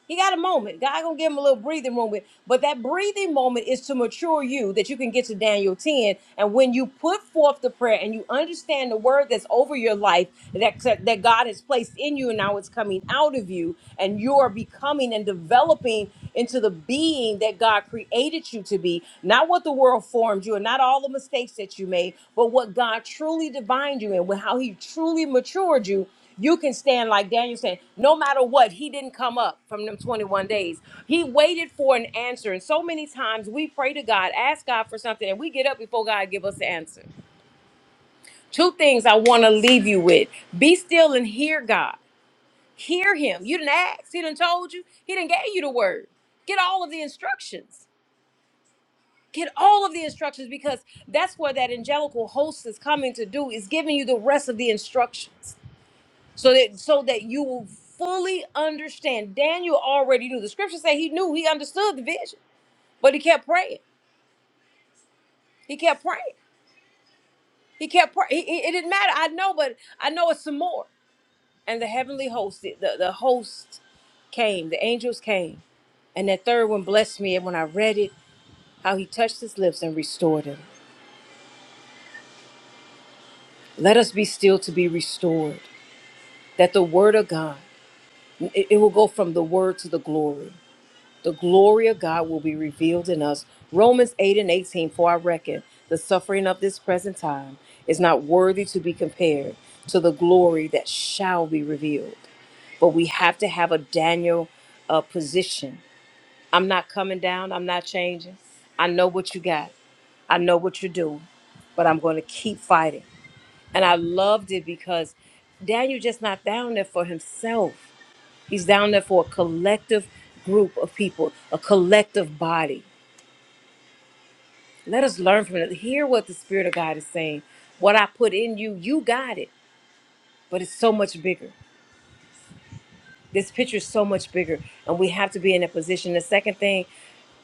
Speaker 3: He got a moment. God gonna give him a little breathing moment, but that breathing moment is to mature you that you can get to Daniel 10. And when you put forth the prayer and you understand the word that's over your life that that God has placed in you and now it's coming out of you, and you are becoming and developing into the being that God created you to be, not what the world formed you and not all the mistakes that you made, but what God truly divined you in, with how He truly matured you you can stand like Daniel said, no matter what, he didn't come up from them 21 days. He waited for an answer. And so many times we pray to God, ask God for something, and we get up before God give us the answer. Two things I want to leave you with. Be still and hear God. Hear him. You didn't ask. He didn't told you. He didn't gave you the word. Get all of the instructions. Get all of the instructions because that's what that angelical host is coming to do is giving you the rest of the instructions. so that so that you will fully understand. Daniel already knew. The scriptures say he knew, he understood the vision, but he kept praying. He kept praying. He kept praying. He- he- It didn't matter. I know, but I know it's some more. And the heavenly host, the, the the host came, the angels came, and that third one blessed me. And when I read it, how he touched his lips and restored him. Let us be still to be restored. That the word of God, it it will go from the word to the glory the glory of God will be revealed in us. Romans 8 and 18, for I reckon the suffering of this present time is not worthy to be compared to the glory that shall be revealed. But we have to have a Daniel uh, position. I'm not coming down, I'm not changing. I know what you got, I know what you're doing, but I'm going to keep fighting. And I loved it because Daniel just not down there for himself. He's down there for a collective group of people, a collective body. Let us learn from it. Hear what the Spirit of God is saying. What I put in you, you got it, but it's so much bigger. This picture is so much bigger, and we have to be in a position. The second thing,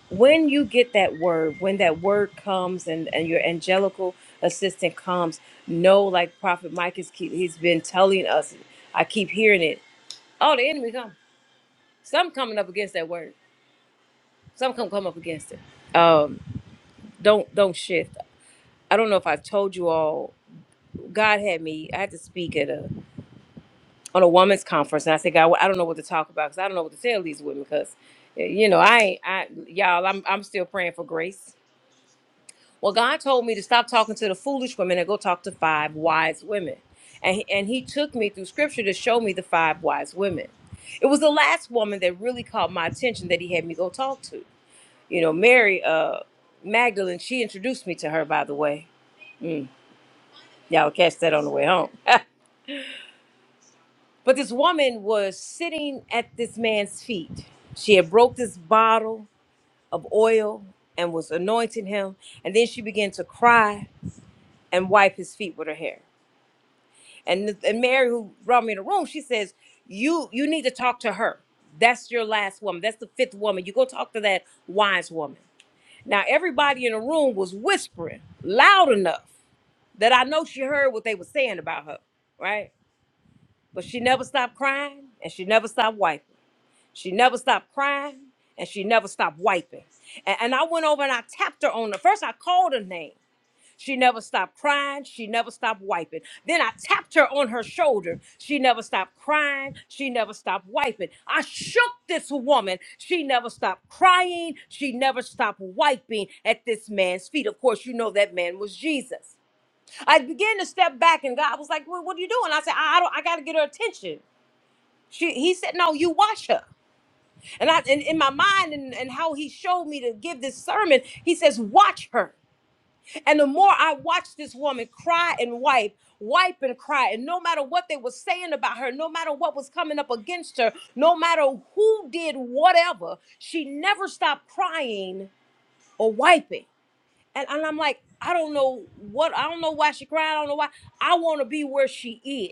Speaker 3: when you get that word, when that word comes and, and your angelical assistant comes, know like Prophet Mike is keep, he's been telling us. I keep hearing it. Oh, the enemy come. Some coming up against that word. Some come come up against it Um, don't don't shift. I don't know if I've told you all. God had me. I had to speak at a on a woman's conference, and I said, God, I don't know what to talk about because I don't know what to tell these women because, you know, I ain't, I y'all, I'm I'm still praying for grace. Well, God told me to stop talking to the foolish women and go talk to five wise women, and he, and He took me through Scripture to show me the five wise women. It was the last woman that really caught my attention that He had me go talk to. You know, Mary uh, Magdalene. She introduced me to her, by the way Y'all catch that on the way home. but this woman was sitting at this man's feet. She had broke this bottle of oil and was anointing him, and then she began to cry and wipe his feet with her hair. And, and Mary, who brought me in the room, she says, "You you need to talk to her. That's your last woman. That's the fifth woman. You go talk to that wise woman." Now everybody in the room was whispering loud enough that I know she heard what they were saying about her, right? But she never stopped crying and she never stopped wiping. She never stopped crying and she never stopped wiping. And, and I went over and I tapped her on the first, I called her name. She never stopped crying. She never stopped wiping. Then I tapped her on her shoulder. She never stopped crying. She never stopped wiping. I shook this woman. She never stopped crying. She never stopped wiping at this man's feet. Of course, you know that man was Jesus. I began to step back, and God was like, well, "What are you doing?" I said, "I, I don't. I got to get her attention." She, he said, "No, you watch her." And I, and in my mind, and, and how he showed me to give this sermon, he says, "Watch her." And the more I watched this woman cry and wipe, wipe and cry, and no matter what they were saying about her, no matter what was coming up against her, no matter who did whatever, she never stopped crying or wiping. And, and I'm like, I don't know what, I don't know why she cried. I don't know why. I want to be where she is.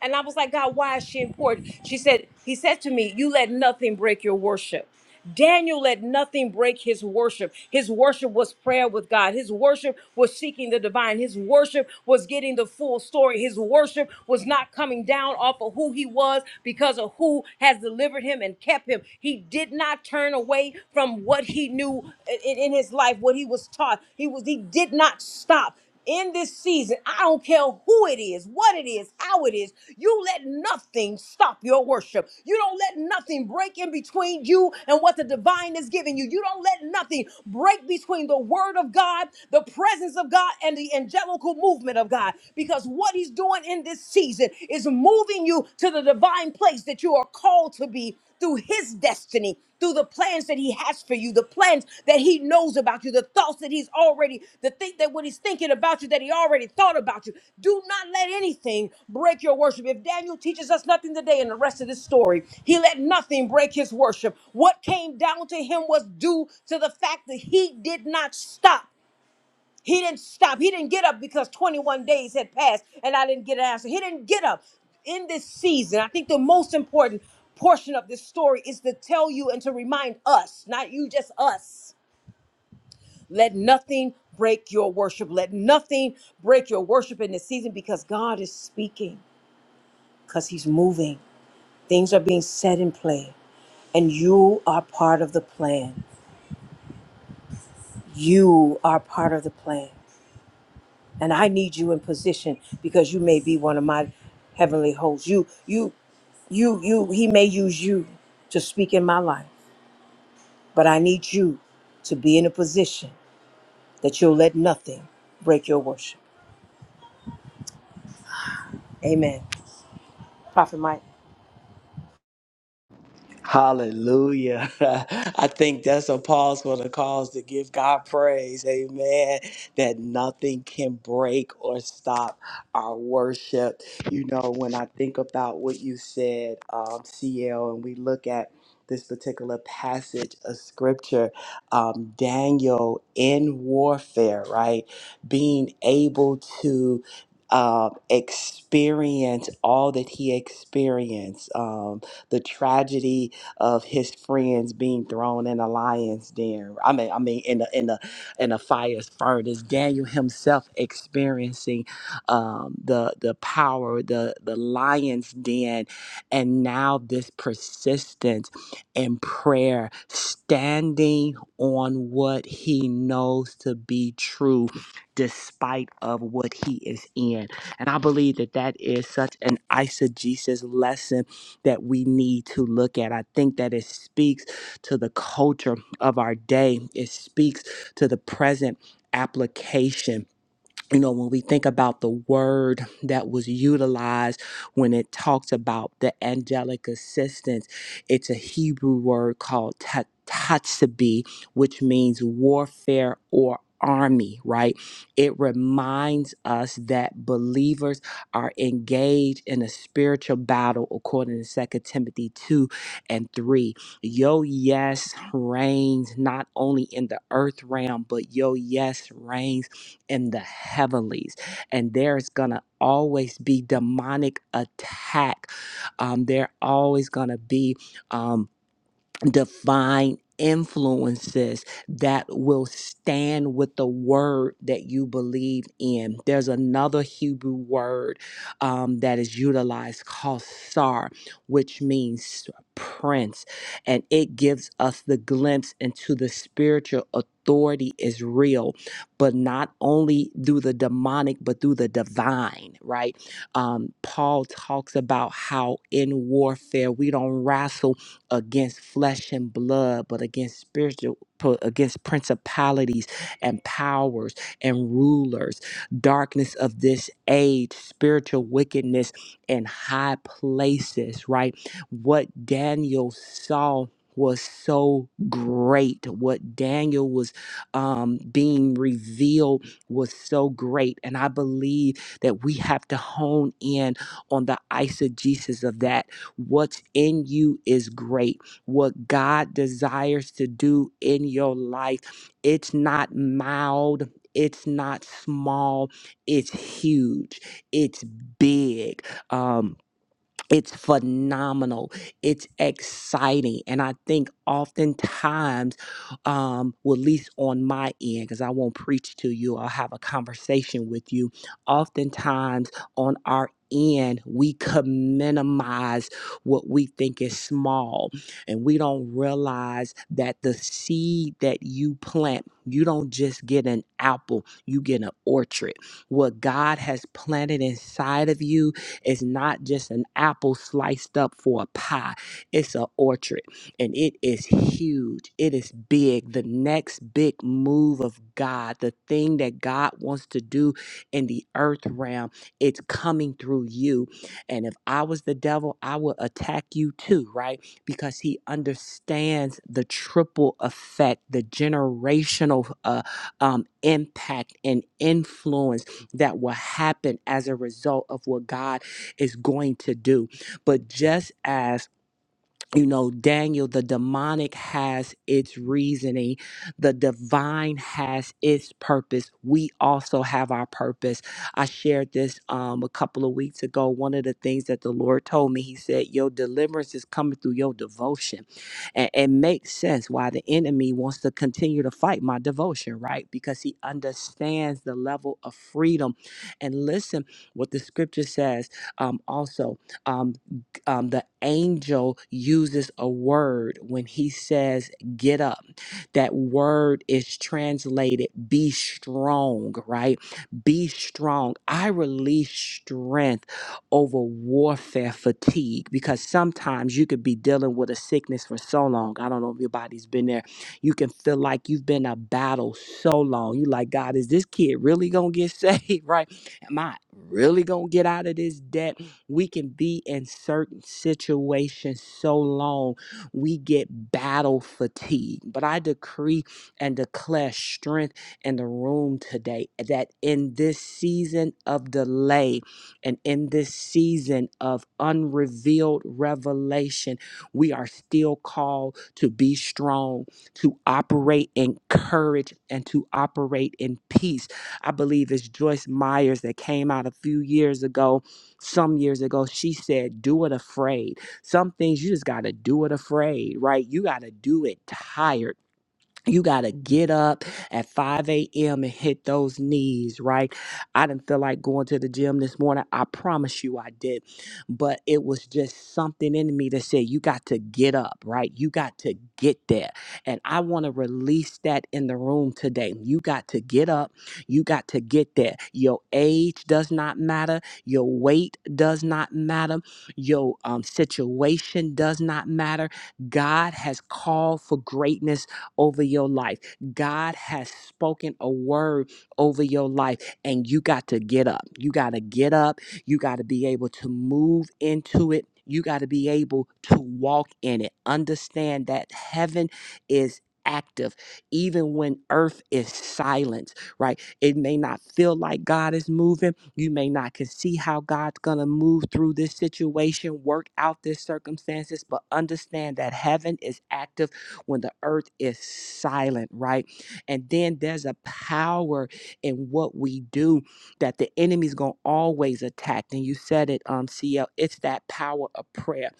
Speaker 3: And I was like, God, why is she important? She said, He said to me, You let nothing break your worship. Daniel let nothing break his worship. His worship was prayer with God. His worship was seeking the divine. His worship was getting the full story. His worship was not coming down off of who he was because of who has delivered him and kept him. He did not turn away from what he knew in, in his life, what he was taught. He was he did not stop in this season, I don't care who it is, what it is, how it is, you let nothing stop your worship. You don't let nothing break in between you and what the divine is giving you. You don't let nothing break between the word of God, the presence of God, and the angelical movement of God. Because what he's doing in this season is moving you to the divine place that you are called called to be, through his destiny, through the plans that he has for you, the plans that he knows about you, the thoughts that he's already, the think that what he's thinking about you, that he already thought about you. Do not let anything break your worship. If Daniel teaches us nothing today in the rest of this story, he let nothing break his worship. What came down to him was due to the fact that he did not stop. He didn't stop. He didn't get up because 21 days had passed and I didn't get an answer. He didn't get up. In this season, I think the most important portion of this story is to tell you and to remind us, not you, just us. Let nothing break your worship. Let nothing break your worship in this season because God is speaking, because He's moving. Things are being set in play, and you are part of the plan. You are part of the plan. and I need you in position because you may be one of my heavenly hosts. You, you, you, you. He may use you to speak in my life, but I need you to be in a position that you'll let nothing break your worship. Amen. Prophet Mike.
Speaker 2: Hallelujah. I think that's a pause for the cause to give God praise. Amen. That nothing can break or stop our worship. You know, when I think about what you said, um, CL, and we look at this particular passage of scripture, um, Daniel in warfare, right? Being able to um, experience all that he experienced, um, the tragedy of his friends being thrown in a lion's den. I mean, I mean, in the in the in a fire's furnace. Daniel himself experiencing um, the the power, the the lion's den, and now this persistence in prayer, standing on what he knows to be true, despite of what he is in. And I believe that that is such an eisegesis lesson that we need to look at. I think that it speaks to the culture of our day, it speaks to the present application you know, when we think about the word that was utilized when it talks about the angelic assistance, it's a Hebrew word called ta- tatsabi, which means warfare or army, right? It reminds us that believers are engaged in a spiritual battle according to Second Timothy 2 and 3. Yo, yes reigns not only in the earth realm, but yo, yes reigns in the heavenlies. And there's going to always be demonic attack. Um, there always going to be. um, divine influences that will stand with the word that you believe in. There's another Hebrew word um, that is utilized called sar, which means prince, and it gives us the glimpse into the spiritual authority is real, but not only through the demonic, but through the divine, right? Um, Paul talks about how in warfare we don't wrestle against flesh and blood, but against spiritual, pro- against principalities and powers and rulers, darkness of this age, spiritual wickedness in high places, right? What Daniel saw was so great. What Daniel was um, being revealed was so great. And I believe that we have to hone in on the eisegesis of that What's in you is great. What God desires to do in your life, it's not mild. It's not small. It's huge. It's big. Um, it's phenomenal. It's exciting. And I think oftentimes, um, well, at least on my end, because I won't preach to you, I'll have a conversation with you. Oftentimes on our end, we can minimize what we think is small, and we don't realize that the seed that you plant, you don't just get an apple, you get an orchard. What God has planted inside of you, it's not just an apple sliced up for a pie, it's an orchard, and it is huge. It is big. The next big move of God, the thing that God wants to do in the earth realm, it's coming through you. And if I was the devil, I would attack you too, right? Because he understands the triple effect, the generational uh, um, impact and influence that will happen as a result of what God is going to do. But just as you know, Daniel, the demonic has its reasoning, the divine has its purpose. We also have our purpose. I shared this um, a couple of weeks ago. One of the things that the Lord told me, He said, Your deliverance is coming through your devotion. And it makes sense why the enemy wants to continue to fight my devotion, right? Because he understands the level of freedom. And listen what the scripture says um, also. um, um, the angel uses a word when he says get up that word is translated be strong right be strong i release strength over warfare fatigue because sometimes you could be dealing with a sickness for so long i don't know if your body's been there you can feel like you've been a battle so long you like god is this kid really gonna get saved right am i really gonna get out of this debt we can be in certain situations so long we get battle fatigue. But I decree and declare strength in the room today that in this season of delay and in this season of unrevealed revelation, we are still called to be strong, to operate in courage, and to operate in peace. I believe it's Joyce Myers that came out a few years ago some years ago, she said, Do it afraid. Some things you just got to do it afraid, right? You got to do it tired. You got to get up at 5 a.m. and hit those knees, right? I didn't feel like going to the gym this morning. I promise you I did. But it was just something in me that said, you got to get up, right? You got to get there. And I want to release that in the room today. You got to get up. You got to get there. Your age does not matter. Your weight does not matter. Your um, situation does not matter. God has called for greatness over your life. God has spoken a word over your life, and you got to get up. You got to get up. You got to be able to move into it. You got to be able to walk in it. Understand that heaven is active even when earth is silent right it may not feel like god is moving you may not can see how god's gonna move through this situation work out this circumstances but understand that heaven is active when the earth is silent, right? And then there's a power in what we do that the enemy's going to always attack. And you said it, um, CL, it's that power of prayer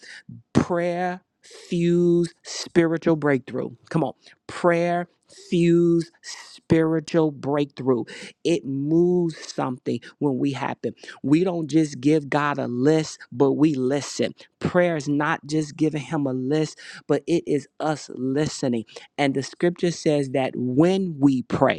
Speaker 2: prayer fuse spiritual breakthrough. Come on. Prayer fuse spiritual breakthrough. It moves something when we happen. We don't just give God a list, but we listen. Prayer is not just giving him a list, but it is us listening. And the scripture says that when we pray,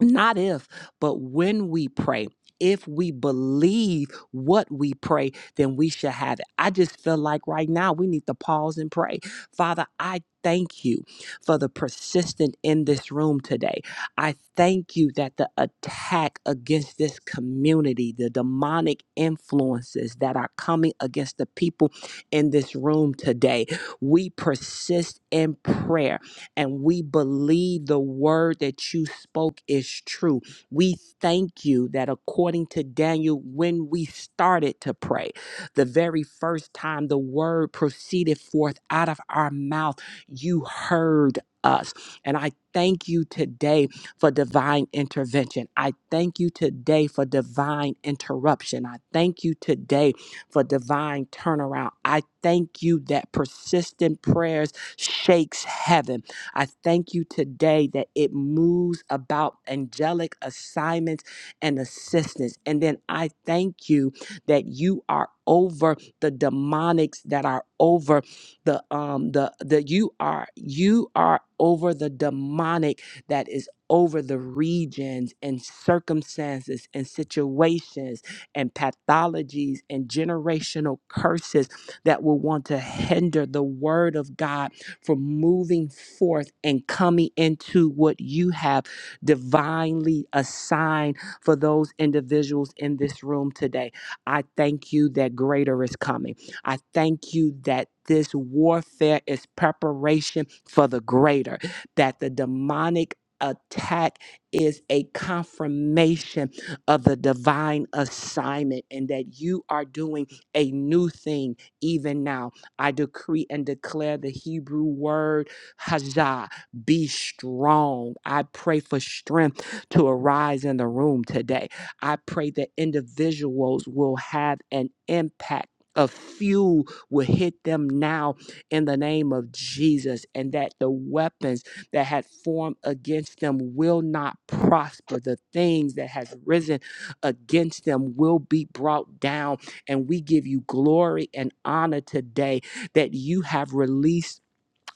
Speaker 2: not if, but when we pray, if we believe what we pray, then we shall have it. I just feel like right now we need to pause and pray. Father, I thank you for the persistent in this room today. I thank you that the attack against this community, the demonic influences that are coming against the people in this room today, we persist in prayer and we believe the word that you spoke is true. We thank you that according to Daniel, when we started to pray, the very first time the word proceeded forth out of our mouth, you heard us. And I thank you today for divine intervention. I thank you today for divine interruption. I thank you today for divine turnaround. I thank you that persistent prayers shakes heaven. I thank you today that it moves about angelic assignments and assistance. And then I thank you that you are over the demonics that are over the um the the you are you are over the demonic that is over the regions and circumstances and situations and pathologies and generational curses that will want to hinder the word of God for moving forth and coming into what you have divinely assigned for those individuals in this room today. I thank you that greater is coming. I thank you that this warfare is preparation for the greater, that the demonic attack is a confirmation of the divine assignment and that you are doing a new thing even now I decree and declare the Hebrew word hazah, be strong. I pray for strength to arise in the room today. I pray that individuals will have an impact. A few will hit them now in the name of Jesus, and that the weapons that had formed against them will not prosper. The things that has risen against them will be brought down. And we give you glory and honor today that you have released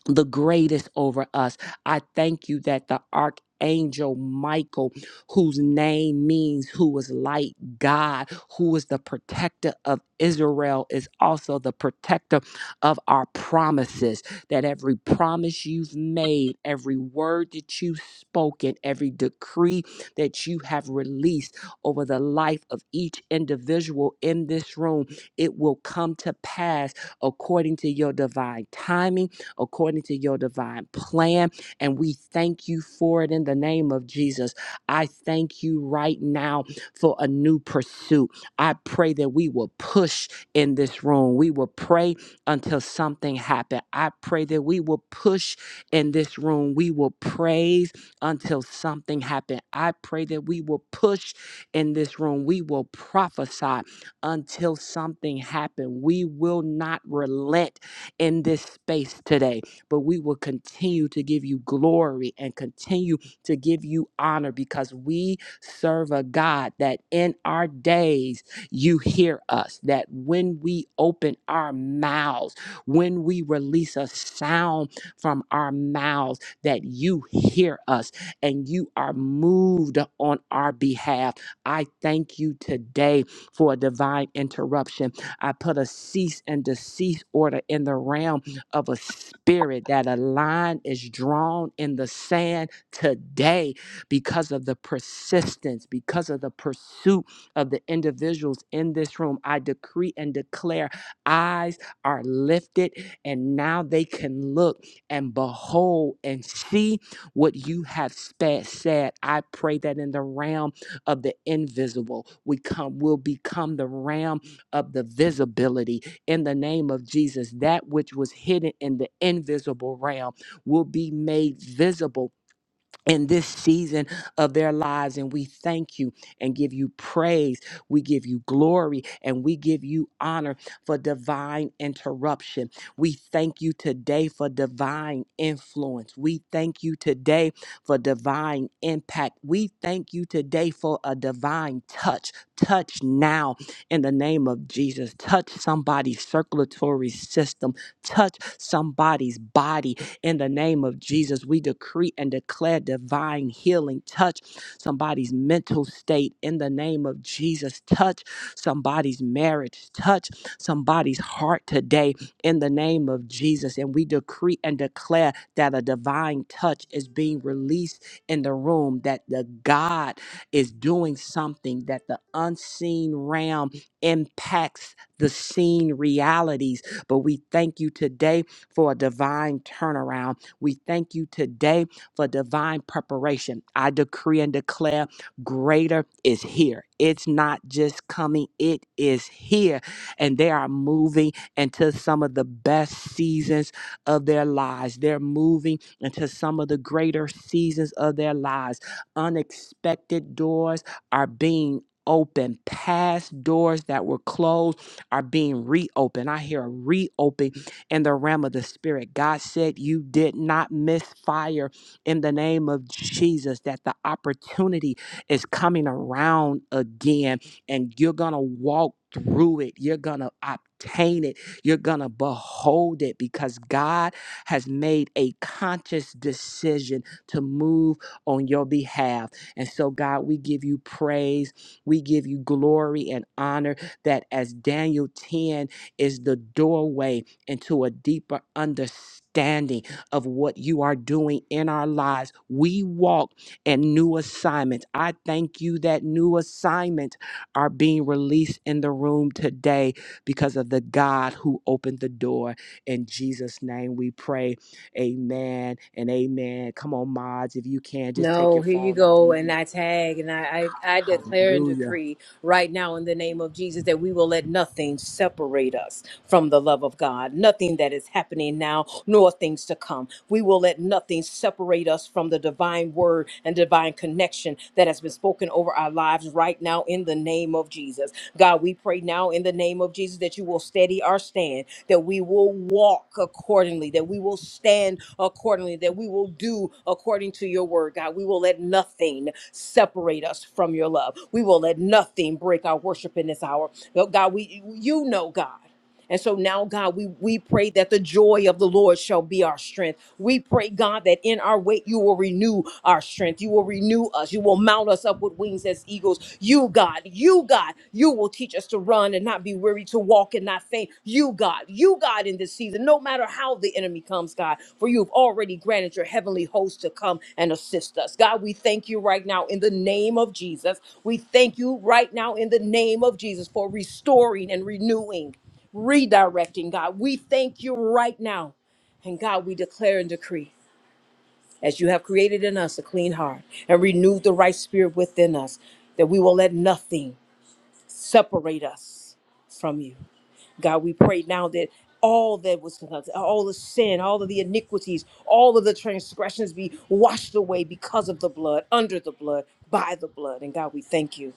Speaker 2: the greatest over us. I thank you that the archangel Michael, whose name means who is like God, who is the protector of Israel, is also the protector of our promises. That every promise you've made, every word that you've spoken, every decree that you have released over the life of each individual in this room, it will come to pass according to your divine timing according to your divine plan. And we thank you for it in the name of Jesus. I thank you right now for a new pursuit. I pray that we will push in this room. We will pray until something happens. I pray that we will push in this room. We will praise until something happens. I pray that we will push in this room. We will prophesy until something happens. We will not relent in this space today. But we will continue to give you glory and continue to give you honor because we serve a God that in our days you hear us, that when we open our mouths, when we release a sound from our mouths, that you hear us and you are moved on our behalf. I thank you today for a divine interruption. I put a cease and desist order in the realm of a spirit that a line is drawn in the sand today because of the persistence, because of the pursuit of the individuals in this room. I decree and declare eyes are lifted, and now they can look and behold and see what you have spa- said. I pray that in the realm of the invisible, we come will become the realm of the visibility in the name of Jesus. That which was hidden in the invisible realm will be made visible in this season of their lives. And we thank you and give you praise. We give you glory and we give you honor for divine interruption. We thank you today for divine influence. We thank you today for divine impact. We thank you today for a divine touch. Touch now in the name of Jesus. Touch somebody's circulatory system. Touch somebody's body in the name of Jesus, we decree and declare divine healing. Touch somebody's mental state in the name of Jesus. Touch somebody's marriage. Touch somebody's heart today in the name of Jesus. And we decree and declare that a divine touch is being released in the room, that the God is doing something, that the unseen realm impacts the seen realities. But we thank you today for a divine turnaround. We thank you today for divine preparation. I decree and declare greater is here. It's not just coming, it is here. And they are moving into some of the best seasons of their lives. They're moving into some of the greater seasons of their lives. Unexpected doors are being opened. past doors that were closed are being reopened. I hear a reopening in the realm of the spirit. God said you did not miss fire in the name of Jesus, that the opportunity is coming around again and you're going to walk through it. You're going to obtain it. You're going to behold it because God has made a conscious decision to move on your behalf. And so, God, we give you praise. We give you glory and honor that as Daniel 10 is the doorway into a deeper understanding of what you are doing in our lives. We walk in new assignments. I thank you that new assignments are being released in the room today because of the God who opened the door. In Jesus' name we pray. Amen and amen. Come on, mods, if you can, just take
Speaker 3: No,
Speaker 2: your
Speaker 3: here you
Speaker 2: phone off
Speaker 3: go. And
Speaker 2: mute.
Speaker 3: I tag and I, I, I declare and
Speaker 2: Hallelujah.
Speaker 3: decree right now in the name of Jesus that we will let nothing separate us from the love of God, nothing that is happening now, nor things to come. We will let nothing separate us from the divine word and divine connection that has been spoken over our lives right now in the name of Jesus. God, we pray now in the name of Jesus that you will steady our stand, that we will walk accordingly, that we will stand accordingly, that we will do according to your word. God, we will let nothing separate us from your love. We will let nothing break our worship in this hour. God, we you know, God. And so now, God, we, we pray that the joy of the Lord shall be our strength. We pray, God, that in our wait, you will renew our strength. You will renew us. You will mount us up with wings as eagles. You, God, you, God, you will teach us to run and not be weary, to walk and not faint. You, God, you, God, in this season, no matter how the enemy comes, God, for you've already granted your heavenly host to come and assist us. God, we thank you right now in the name of Jesus. We thank you right now in the name of Jesus for restoring and renewing redirecting, God. We thank you right now. And God, we declare and decree as you have created in us a clean heart and renewed the right spirit within us, that we will let nothing separate us from you. God, we pray now that all that was in us, all the sin, all of the iniquities, all of the transgressions be washed away because of the blood, under the blood, by the blood. And God, we thank you.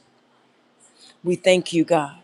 Speaker 3: We thank you, God.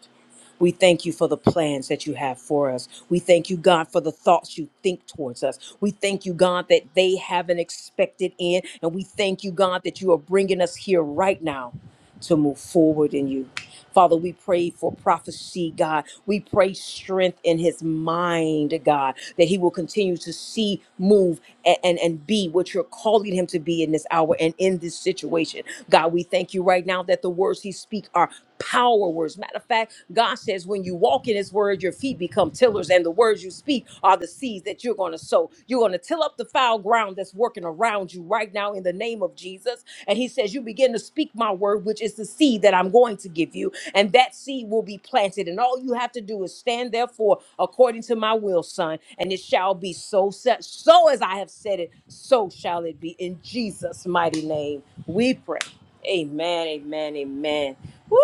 Speaker 3: We thank you for the plans that you have for us. We thank you, God, for the thoughts you think towards us. We thank you, God, that they haven't expected in. And we thank you, God, that you are bringing us here right now to move forward in you. Father, we pray for prophecy, God. We pray strength in his mind, God, that he will continue to see, move, and, and, and be what you're calling him to be in this hour and in this situation. God, we thank you right now that the words he speak are power words. Matter of fact, God says when you walk in his word, your feet become tillers, and the words you speak are the seeds that you're going to sow. You're going to till up up the foul ground that's working around you right now in the name of Jesus. And he says, You begin to speak my word, which is the seed that I'm going to give you. And that seed will be planted. And all you have to do is stand therefore according to my will, son. And it shall be so set. So as I have said it, so shall it be. In Jesus' mighty name, we pray. Amen, amen, amen. Woo!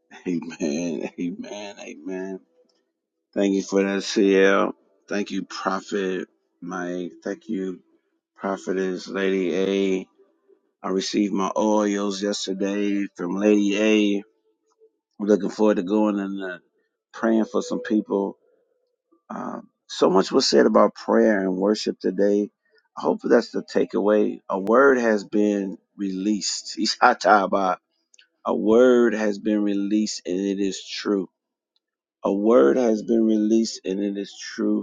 Speaker 1: Amen. Amen. Amen. Thank you for that, CL. Thank you, Prophet Mike. Thank you, Prophetess Lady A. I received my oils yesterday from Lady A. I'm looking forward to going and uh, praying for some people. Uh, so much was said about prayer and worship today. I hope that's the takeaway. A word has been released. Ishataba. A word has been released and it is true. A word has been released and it is true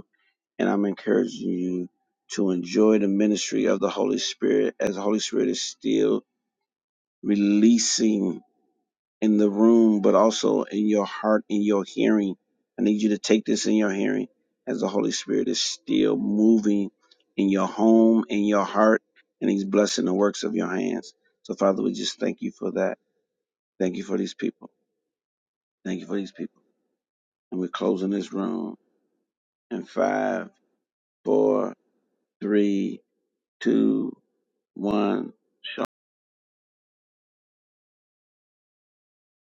Speaker 1: and I'm encouraging you to enjoy the ministry of the Holy Spirit as the Holy Spirit is still releasing in the room, but also in your heart, in your hearing. I need you to take this in your hearing as the Holy Spirit is still moving in your home, in your heart, and He's blessing the works of your hands. So, Father, we just thank you for that. Thank you for these people. Thank you for these people. And we're closing this room in five, four, three, two, one.